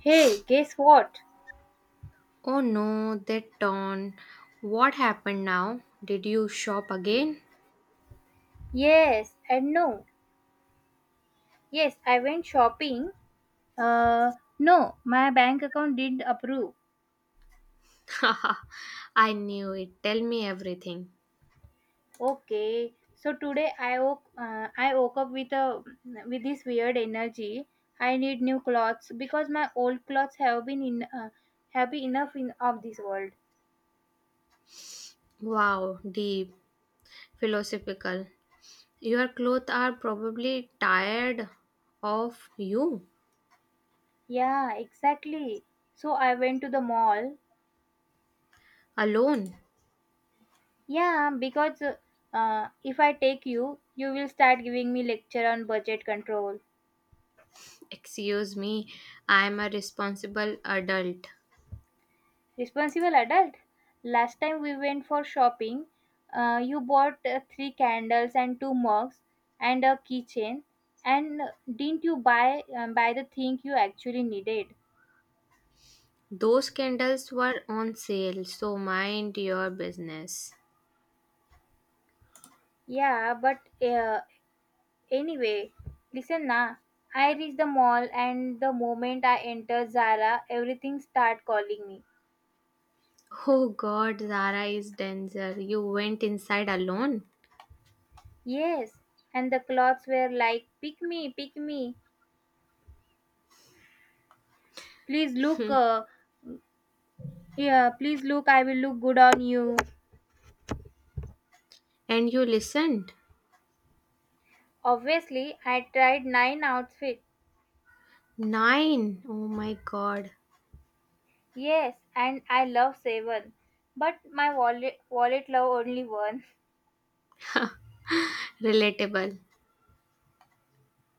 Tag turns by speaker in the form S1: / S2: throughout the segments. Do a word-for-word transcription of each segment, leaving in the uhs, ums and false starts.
S1: Hey, guess what?
S2: Oh no, that torn. What happened now? Did you shop again?
S1: Yes and no. Yes, I went shopping. Uh, no, my bank account didn't approve.
S2: I knew it. Tell me everything.
S1: Okay, so today I woke, uh, I woke up with a with this weird energy. I need new clothes because my old clothes have been in uh, have been enough in of this world.
S2: Wow, deep, philosophical. Your clothes are probably tired of you
S1: Yeah, exactly. So I went to the mall.
S2: alone.
S1: Yeah, because uh, if I take you, you will start giving me lecture on budget control.
S2: Excuse me, I am a responsible adult.
S1: Responsible adult. Last time we went for shopping, uh, you bought uh, three candles and two mugs and a keychain, and didn't you buy um, buy the thing you actually needed?
S2: Those candles were on sale, so mind your business.
S1: Yeah, but uh, anyway, listen na. I reach the mall, and the moment I enter Zara, everything start calling me.
S2: Oh god, Zara is danger. You went inside alone?
S1: Yes, and the clothes were like, "Pick me, pick me! Please look, uh, yeah, please look. I will look good on you."
S2: And you listened?
S1: Obviously, I tried nine outfits.
S2: Nine! Oh my god.
S1: Yes, and I love seven. But my wallet, wallet love only one.
S2: Relatable.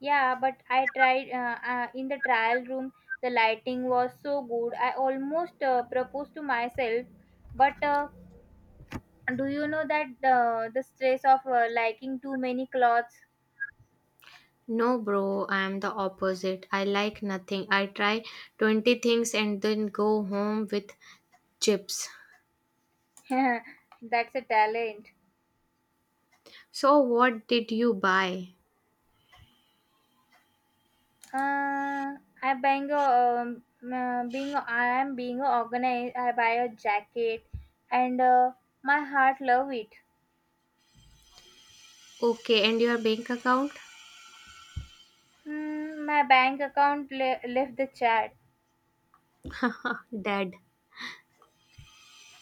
S1: Yeah, but I tried uh, uh, in the trial room. The lighting was so good. I almost uh, proposed to myself. But uh, do you know that uh, the stress of uh, liking too many clothes?
S2: No, bro, I am the opposite. I like nothing. I try twenty things and then go home with chips.
S1: That's a talent.
S2: So, what did you buy?
S1: Uh, I bang a, um, uh, being I am being organized. I buy a jacket, and uh, my heart love it.
S2: Okay, and your bank account?
S1: Hmm, my bank account le- left the chat.
S2: Dead.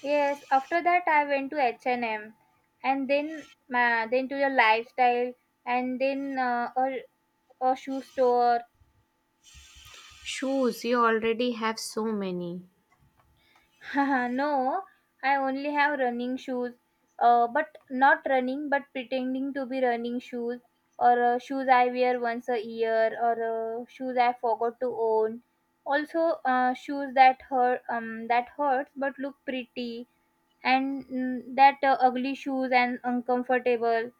S1: Yes, after that I went to H and M, and then my then to the lifestyle, and then uh, a a shoe store.
S2: Shoes, you already have so many.
S1: Haha, no, I only have running shoes. Uh, but not running, but pretending to be running shoes, or uh, shoes I wear once a year, or uh, shoes I forgot to own. Also, uh, shoes that hurt, um, that hurts but look pretty, and mm, that uh, ugly shoes and uncomfortable,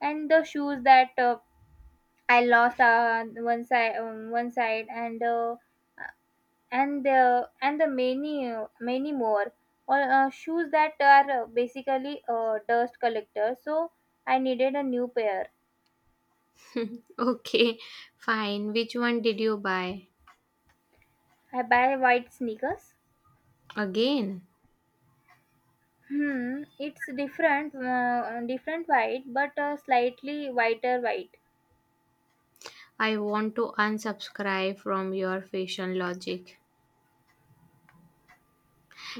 S1: and the shoes that uh, I lost uh, one side, um, one side, and. Uh, and uh, and the many uh, many more, or uh, shoes that are uh, basically uh, dust collectors, so I needed a new pair.
S2: Okay, fine. Which one did you buy?
S1: I buy white sneakers.
S2: Again,
S1: Hmm it's different uh, different white, but uh, slightly whiter white.
S2: I want to unsubscribe from your fashion logic.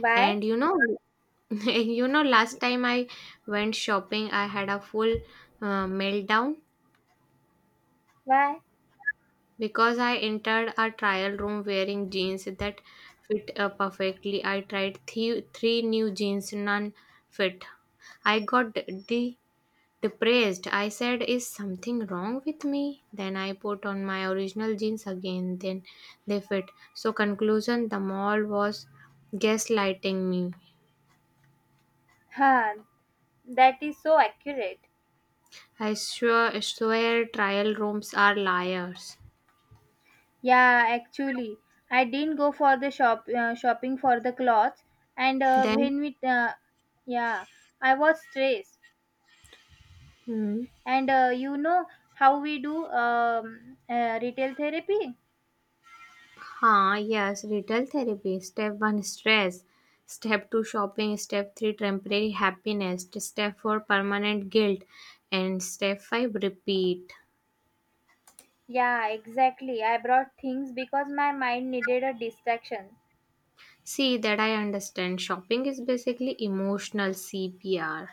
S1: Why?
S2: And you know, you know, last time I went shopping, I had a full uh, meltdown
S1: Why?
S2: because I entered a trial room wearing jeans that fit uh, perfectly. I tried three, three new jeans, none fit. I got de- depressed. I said, is something wrong with me? Then I put on my original jeans again, then they fit. So, conclusion, the mall was gaslighting me.
S1: Huh? That is so accurate.
S2: I swear, swear trial rooms are liars.
S1: Yeah, actually, I didn't go for the shop uh, shopping for the clothes, and uh,
S2: Then,
S1: when we uh, yeah, I was stressed.
S2: hmm,
S1: And uh, you know how we do um, uh, retail therapy?
S2: huh, yes, retail therapy. Step one, stress. Step two, shopping. Step three, temporary happiness. Step four, permanent guilt. And step five, repeat.
S1: Yeah, exactly. I brought things because my mind needed a distraction.
S2: See, that I understand. Shopping is basically emotional C P R.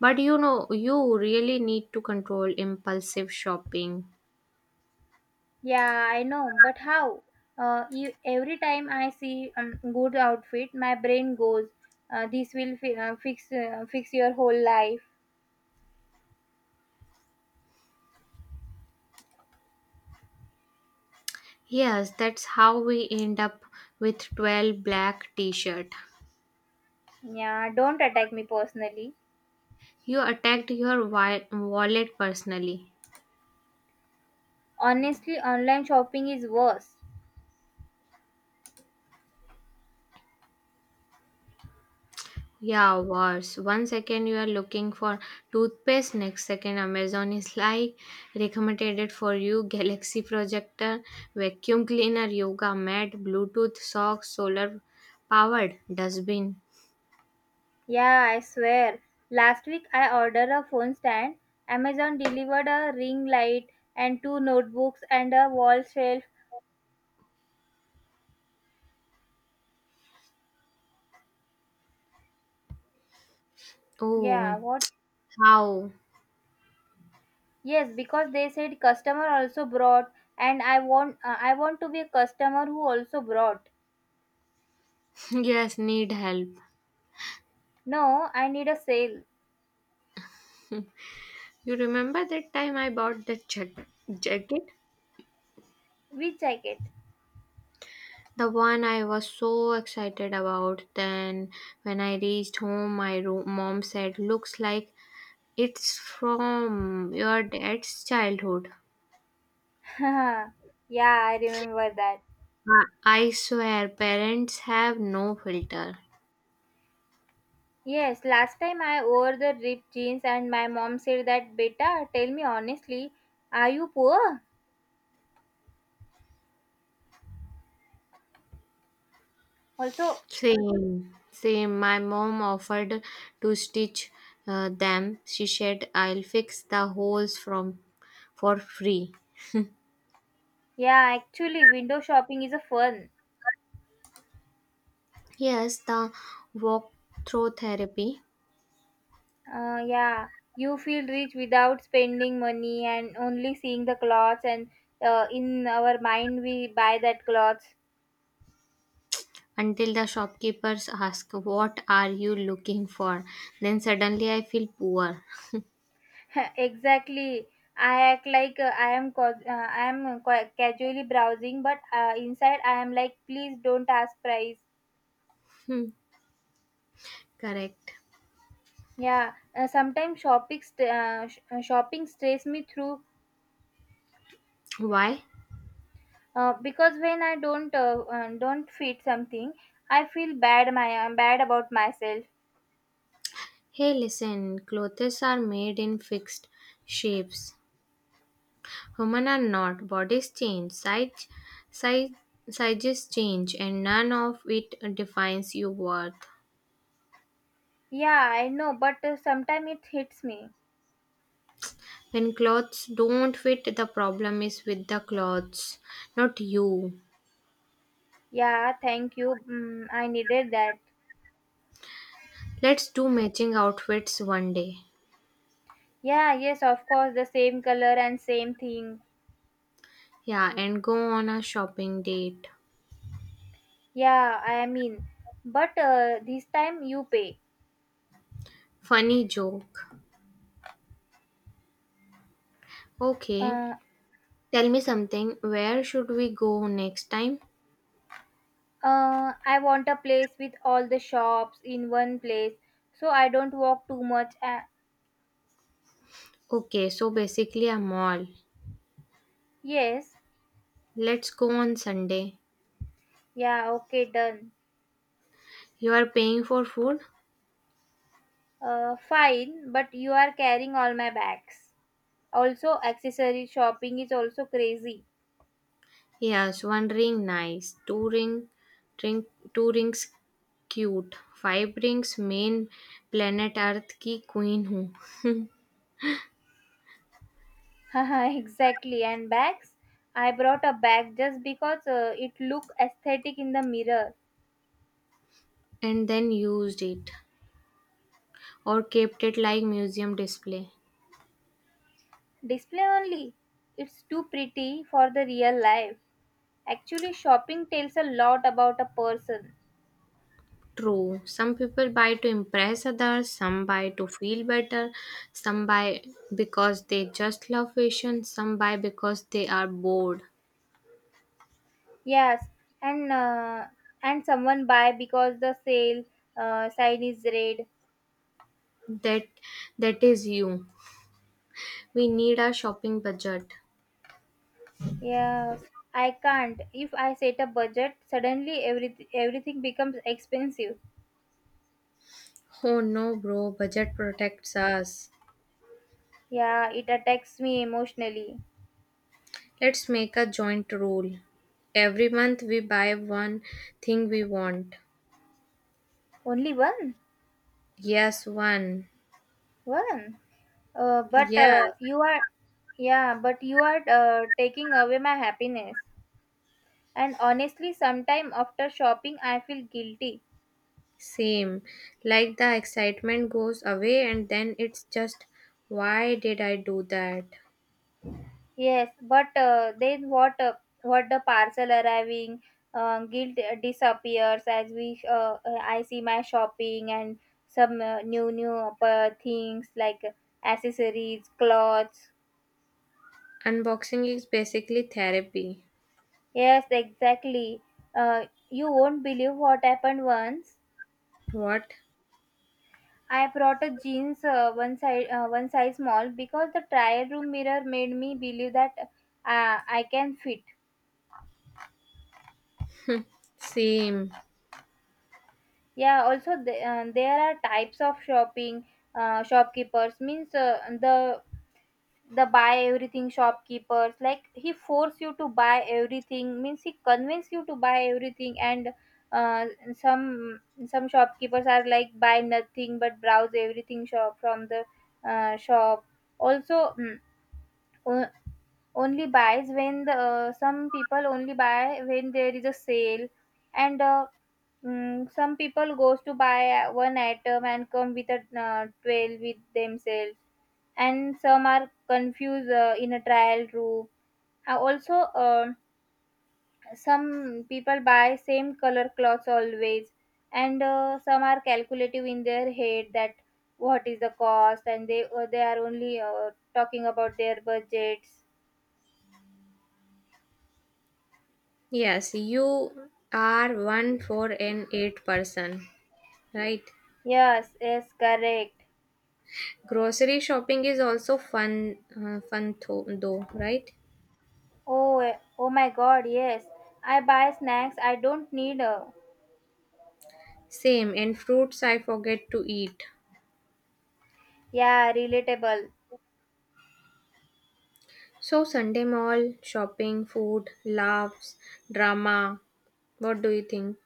S2: But you know, you really need to control impulsive shopping.
S1: Yeah, I know, but how? Uh, e- every time I see um, good outfit, my brain goes, uh, "This will fi- uh, fix uh, fix your whole life."
S2: Yes, that's how we end up with twelve black t shirt.
S1: Yeah, don't attack me personally.
S2: You attacked your wi- wallet personally.
S1: Honestly, online shopping is worse.
S2: Yeah, worse. One second you are looking for toothpaste, next second Amazon is like recommended it for you: Galaxy projector, vacuum cleaner, yoga mat, Bluetooth socks, solar powered dustbin.
S1: Yeah, I swear. Last week I ordered a phone stand. Amazon delivered a ring light and two notebooks and a wall shelf.
S2: Oh,
S1: Yeah, what?
S2: how?
S1: Yes, because they said customer also brought, and I want uh, I want to be a customer who also brought.
S2: Yes, need help.
S1: No, I need a sale.
S2: You remember that time I bought the jack- jacket?
S1: We check it.
S2: The one I was so excited about. Then, when I reached home, my room, mom said, looks like it's from your dad's childhood.
S1: Yeah, I remember that.
S2: I I swear, parents have no filter.
S1: Yes, last time I wore the ripped jeans and my mom said that beta, tell me honestly, are you poor? Also,
S2: Same, same. My mom offered to stitch uh, them. She said, I'll fix the holes from for free.
S1: yeah, actually, window shopping is a fun.
S2: Yes, the walk-through therapy
S1: Uh, yeah, you feel rich without spending money and only seeing the clothes, and uh, in our mind, we buy that clothes.
S2: until the shopkeepers ask, what are you looking for? Then suddenly I feel poor.
S1: Exactly. I act like uh, I am cau- uh, I am ca- casually browsing, but uh, inside I am like, please don't ask price.
S2: Hmm, correct.
S1: Yeah, uh, sometimes shopping st- uh, sh- uh, shopping stress me through.
S2: Why?
S1: Uh, because when I don't uh, uh, don't fit something, I feel bad my uh, bad about myself.
S2: Hey, listen, clothes are made in fixed shapes. Human are not. Bodies change, size, size, sizes change, and none of it defines your worth.
S1: Yeah, I know, but uh, sometimes it hits me.
S2: When clothes don't fit, the problem is with the clothes, not you.
S1: Yeah, thank you. Mm, I needed that.
S2: Let's do matching outfits one day.
S1: Yeah, yes, of course, the same color and same thing.
S2: Yeah, and go on a shopping date.
S1: Yeah, I mean, but uh, this time you pay.
S2: Funny joke. Okay,
S1: Uh,
S2: tell me something. Where should we go next time?
S1: uh, I want a place with all the shops in one place, so I don't walk too much. Uh,
S2: Okay, so basically a mall.
S1: yes.
S2: Let's go on Sunday.
S1: Yeah. Okay. Done.
S2: You are paying for food?
S1: Uh, fine, but you are carrying all my bags. Also, accessory shopping is also crazy.
S2: Yes, one ring nice, two ring, ring two rings cute, five rings main planet Earth ki queen hu.
S1: Haha, exactly. And bags? I brought a bag just because uh, it looked aesthetic in the mirror.
S2: And then used it or kept it like museum display.
S1: Display only. It's too pretty for the real life. Actually, shopping tells a lot about a person.
S2: True, some people buy to impress others, some buy to feel better, some buy because they just love fashion, some buy because they are bored.
S1: Yes, and uh, and someone buy because the sale uh, sign is red.
S2: That that is you. We need a shopping budget.
S1: Yes, I can't. If I set a budget, suddenly every, everything becomes expensive.
S2: Oh no, bro, budget protects us.
S1: Yeah, it attacks me emotionally.
S2: Let's make a joint rule. Every month we buy one thing we want.
S1: Only one?
S2: Yes, one.
S1: One? Uh, but
S2: Yeah,
S1: uh, you are, yeah, but you are uh, taking away my happiness. And honestly, sometime after shopping, I feel guilty.
S2: same. Like the excitement goes away and then it's just, why did I do that?
S1: Yes, but uh, then what? Uh, what the parcel arriving, uh, guilt disappears as we. Uh, uh, I see my shopping and some uh, new new uh, things like accessories, clothes.
S2: Unboxing is basically therapy.
S1: Yes, exactly. Uh, you won't believe what happened once.
S2: What?
S1: I brought a jeans uh, one size uh, one size small because the trial room mirror made me believe that uh, I can fit.
S2: Same.
S1: Yeah, also the, uh, there are types of shopping uh, shopkeepers, means uh, the the buy everything shopkeepers, like he force you to buy everything, means he convince you to buy everything. And uh, some some shopkeepers are like buy nothing but browse everything shop from the uh, shop. Also, mm, o- only buys when the uh, some people only buy when there is a sale, and uh, Mm, some people goes to buy uh, one item and come with a uh, trail with themselves, and some are confused uh, in a trial room. Uh, also, uh, some people buy same color clothes always, and uh, some are calculative in their head that what is the cost, and they uh, they are only uh, talking about their budgets.
S2: Yes, you are one for an eight person, right?
S1: Yes, yes, correct.
S2: Grocery shopping is also fun, uh, fun tho- though, right?
S1: Oh, eh, oh my God, yes. I buy snacks I don't need. uh,
S2: Same, and fruits I forget to eat.
S1: Yeah, relatable.
S2: So, Sunday mall, shopping, food, laughs, drama. What do you think?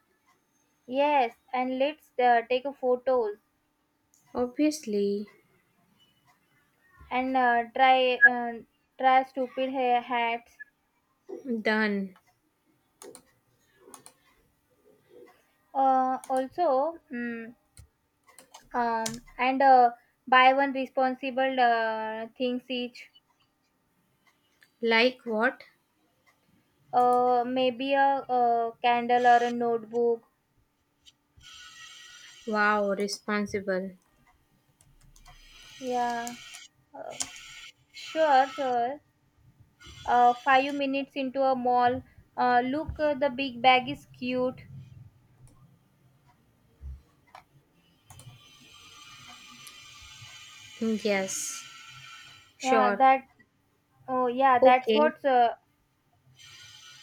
S1: Yes, and let's uh, take a photos,
S2: Obviously,
S1: and uh, try uh, try stupid ha- hats.
S2: done.
S1: Uh, also, mm, um, and uh, buy one responsible uh, things each.
S2: Like what?
S1: Uh, maybe a, a candle or a notebook.
S2: Wow, responsible.
S1: Yeah, um, sure, sure. Uh, five minutes into a mall. Uh, look, uh, the big bag is cute.
S2: Yes,
S1: Yeah,
S2: sure.
S1: that. Oh, yeah, that's
S2: Okay,
S1: what's. Uh,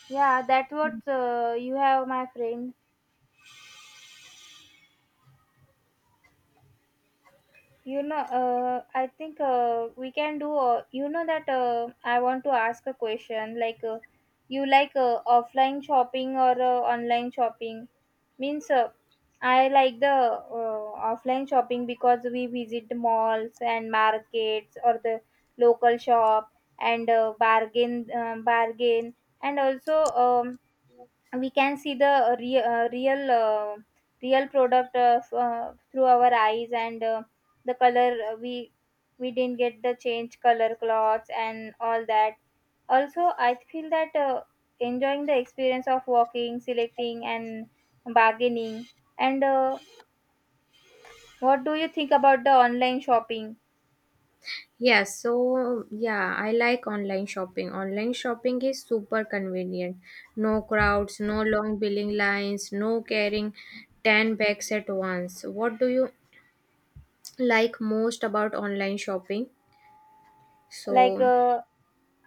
S1: Yeah, that's what uh, you have, my friend. You know, uh, I think uh, we can do. Uh, you know that uh, I want to ask a question. Like, uh, you like uh, offline shopping or uh, online shopping? Means, uh, I like the uh, offline shopping because we visit malls and markets or the local shop, and uh, bargain, um bargain, and also um, we can see the uh, re- uh, real uh, real product of, uh, through our eyes, and uh, the color, uh, we we didn't get the change color cloths and all that. Also, I feel that uh, enjoying the experience of walking, selecting and bargaining, and uh, what do you think about the online shopping?
S2: yeah, so yeah, I like online shopping. Online shopping is super convenient. No crowds, no long billing lines, no carrying ten bags at once. What do you like most about online shopping?
S1: like
S2: So,
S1: uh,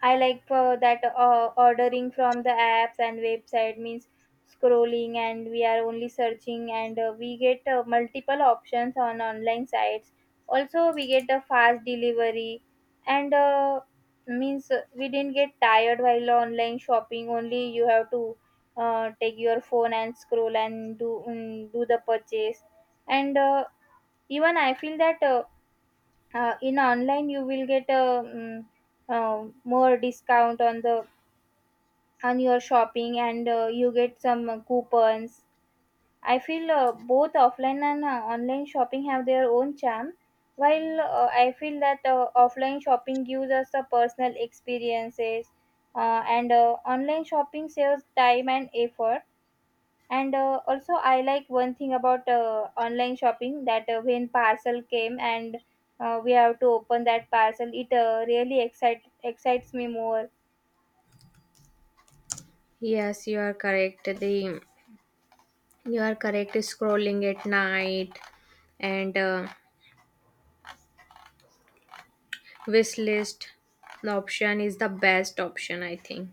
S1: I like uh, that uh, ordering from the apps and website means scrolling and we are only searching, and uh, we get uh, multiple options on online sites. Also, we get a fast delivery, and uh, means uh, we didn't get tired while online shopping. Only you have to uh, take your phone and scroll and do mm, do the purchase. And uh, even I feel that uh, uh, in online you will get a um, uh, more discount on the on your shopping, and uh, you get some uh, coupons. I feel uh, both offline and uh, online shopping have their own charm, while uh, I feel that uh, offline shopping gives us the personal experiences, uh, and uh, online shopping saves time and effort, and uh, also, I like one thing about uh, online shopping, that uh, when parcel came and uh, we have to open that parcel, it uh, really excite excites me more.
S2: yes, you are correct. The You are correct. Scrolling at night and uh, wish list option is the best option, I think.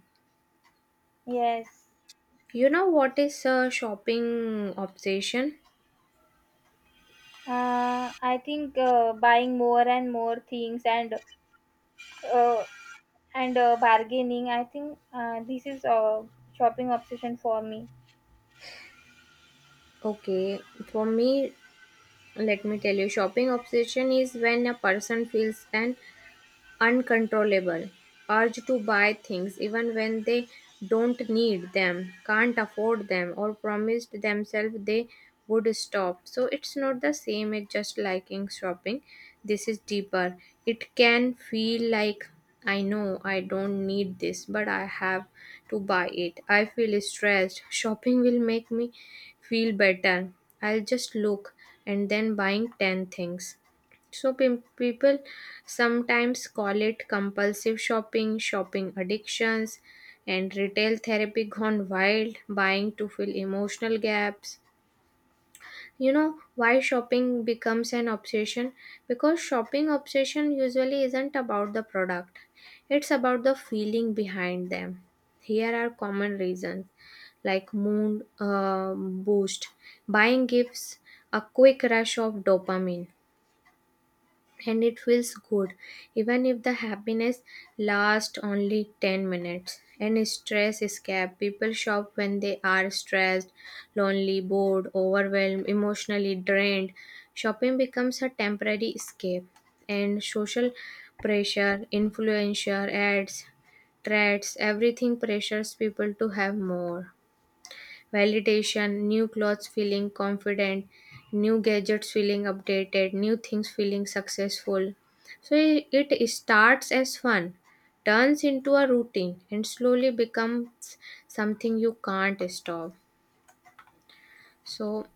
S1: Yes,
S2: You know what is a shopping obsession?
S1: uh, I think uh, buying more and more things and uh, and uh, bargaining. I think uh, this is a shopping obsession for me.
S2: Okay, for me, let me tell you, shopping obsession is when a person feels an uncontrollable urge to buy things even when they don't need them, can't afford them, or promised themselves they would stop. So it's not the same as just liking shopping. This is deeper. It can feel like, I know I don't need this, but I have to buy it. I feel stressed. Shopping will make me feel better. I'll just look and then buying ten things. So pim- people sometimes call it compulsive shopping, shopping addictions, and retail therapy gone wild, buying to fill emotional gaps. You know why shopping becomes an obsession? Because shopping obsession usually isn't about the product. It's about the feeling behind them. Here are common reasons like mood um, boost, buying gives a quick rush of dopamine and it feels good even if the happiness lasts only ten minutes. And stress escape, people shop when they are stressed, lonely, bored, overwhelmed, emotionally drained. Shopping becomes a temporary escape. And social pressure, influencer ads, threats, everything pressures people to have more validation: new clothes feeling confident, new gadgets feeling updated, new things feeling successful. So i- it starts as fun, turns into a routine, and slowly becomes something you can't stop. So,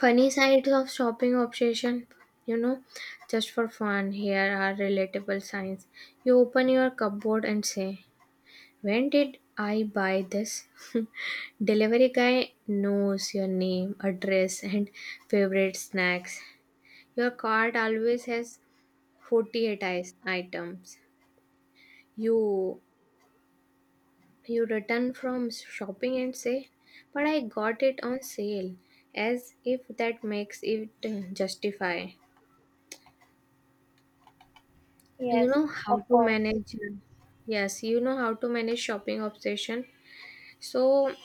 S2: funny sides of shopping obsession, you know, just for fun, here are relatable signs. You open your cupboard and say, when did I buy this? Delivery guy knows your name, address, and favorite snacks. Your cart always has forty-eight ice- items. You you return from shopping and say, "But I got it on sale," as if that makes it uh, justify. You
S1: Yes,
S2: know how
S1: of
S2: to
S1: course.
S2: manage. Yes, you know how to manage shopping obsession. So,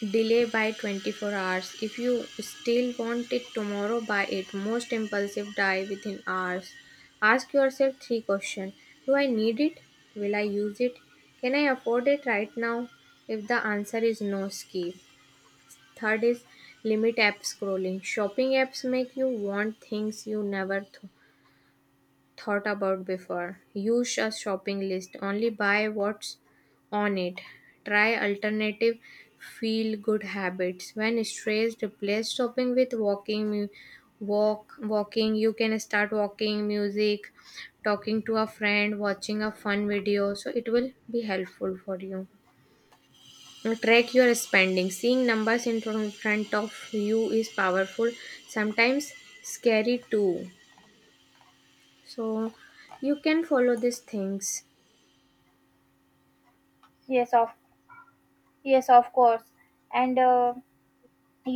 S2: delay by twenty-four hours. If you still want it tomorrow, buy it. Most impulsive die within hours. Ask yourself three questions: do I need it? Will I use it? Can I afford it right now? If the answer is no, skip. Third is, limit app scrolling. Shopping apps make you want things you never th- thought about before. Use a shopping list. Only buy what's on it. Try alternative feel good habits. When stressed, replace shopping with walking mu- walk walking. You can start walking, music, talking to a friend, watching a fun video, so it will be helpful for you. Track your spending. Seeing numbers in front front of you is powerful, sometimes scary too. So you can follow these things.
S1: Yes, of yes, of course. And uh,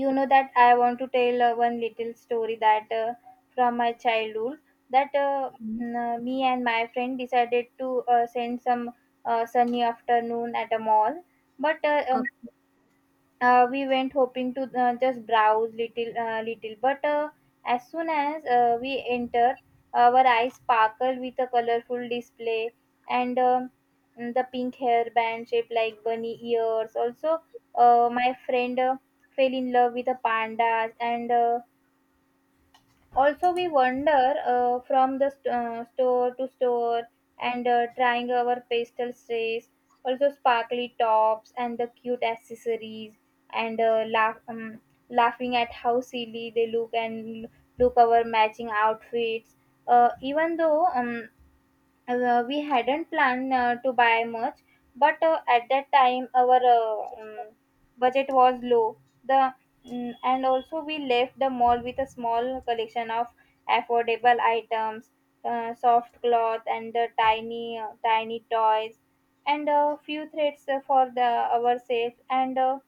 S1: you know that I want to tell uh, one little story that uh, from my childhood that uh,
S2: Mhm.
S1: n- uh, me and my friend decided to uh, send some uh, sunny afternoon at a mall, but uh,
S2: Oh,
S1: um, uh, we went hoping to uh, just browse little uh, little, but uh, as soon as uh, we enter, our eyes sparkled with a colorful display, and um, the pink hairband shaped like bunny ears. Also, uh, my friend uh, fell in love with the pandas, and uh, also we wander uh, from the st- uh, store to store, and uh, trying our pastel strays, also sparkly tops and the cute accessories, and uh, laugh, um, laughing at how silly they look, and look our matching outfits, uh, even though um, uh, we hadn't planned uh, to buy much, but uh, at that time our uh, um, budget was low. The mm, and also, we left the mall with a small collection of affordable items, uh, soft cloth and the tiny uh, tiny toys, and a few threads for the ourselves. And. Uh,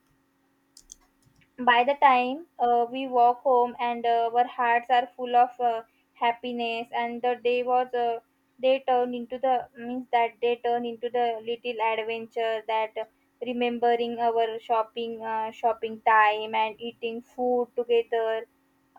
S1: By the time uh, we walk home and uh, our hearts are full of uh, happiness, and the day was uh, they turn into the means that they turn into the little adventure, that uh, remembering our shopping uh, shopping time and eating food together,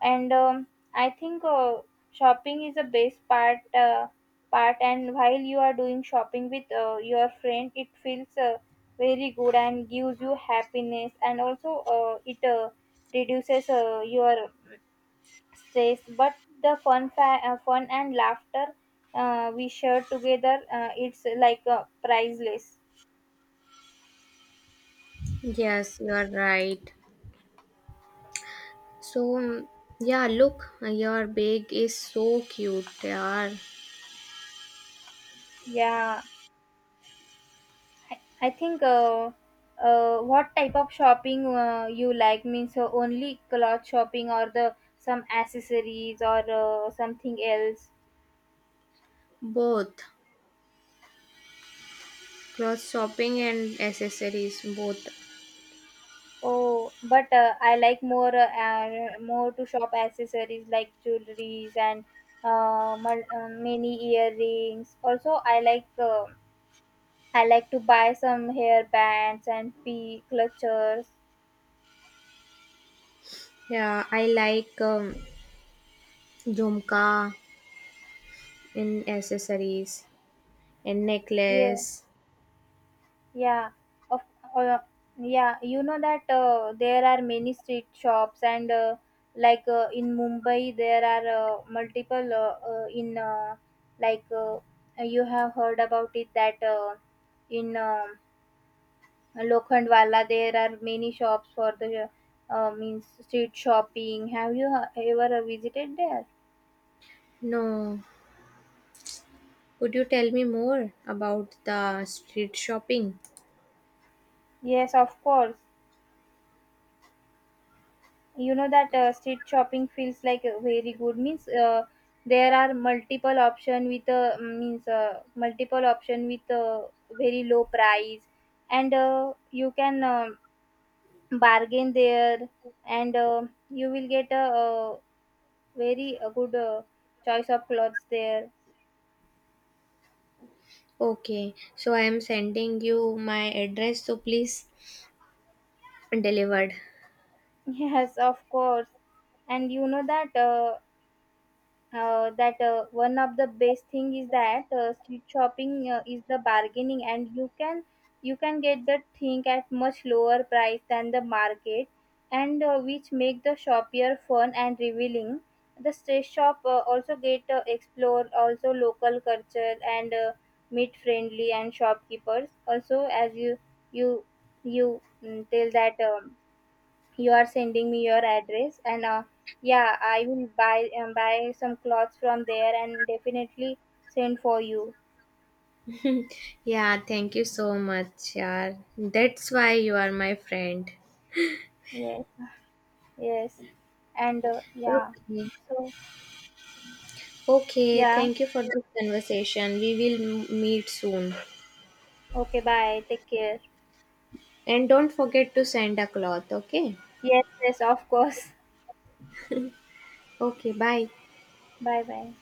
S1: and um, I think uh, shopping is the best part uh, part, and while you are doing shopping with uh, your friend it feels uh, very good and gives you happiness, and also uh, it uh, reduces uh, your stress, but the fun fa- uh, fun and laughter uh, we share together, uh, it's like uh, priceless.
S2: yes, you are right. So mm, yeah, look, your bag is so cute. Yeah,
S1: Yeah, I, I think uh, uh, what type of shopping uh, you like, means uh, only cloth shopping or the some accessories or uh, something else?
S2: both clothes shopping and accessories both.
S1: Oh, but uh, I like more uh, uh, more to shop accessories like jewelries and uh, mul- uh, many earrings. Also, I like uh, I like to buy some hair bands and p clutches.
S2: Yeah, I like um, jhumka in accessories and
S1: Yeah.
S2: necklace.
S1: Yeah, of uh, yeah, you know that uh, there are many street shops, and uh, like uh, in Mumbai there are uh, multiple, uh, uh, in uh, like uh, you have heard about it that uh, in um Lokhandwala there are many shops for the uh, means street shopping. Have you uh, ever uh, visited there?
S2: No, could you tell me more about the street shopping?
S1: Yes, of course. You know that uh, street shopping feels like a very good, means uh, there are multiple option with uh, mm, means uh, multiple option with uh, very low price, and uh, you can uh, bargain there, and uh, you will get a, uh very uh good uh, choice of clothes there.
S2: Okay, so I am sending you my address. So please Delivered.
S1: Yes, of course. And you know that uh, uh, that uh, one of the best thing is that uh, street shopping uh, is the bargaining, and you can you can get the thing at much lower price than the market, and uh, which make the shopper fun and revealing. The street shop uh, also get uh, explore also local culture, and uh, meet friendly and shopkeepers also. As you you you mm, tell that um, you are sending me your address, and uh, yeah, I will buy um, buy some clothes from there and definitely send for you.
S2: Yeah, thank you so much, yeah. That's why you are my friend.
S1: Yes, yes. And uh, yeah.
S2: Okay.
S1: So,
S2: Okay,
S1: yeah.
S2: thank you for this conversation. We will m- meet soon.
S1: Okay, bye. Take care.
S2: And don't forget to send a cloth, okay?
S1: Yes, yes, of course.
S2: Okay, bye.
S1: bye bye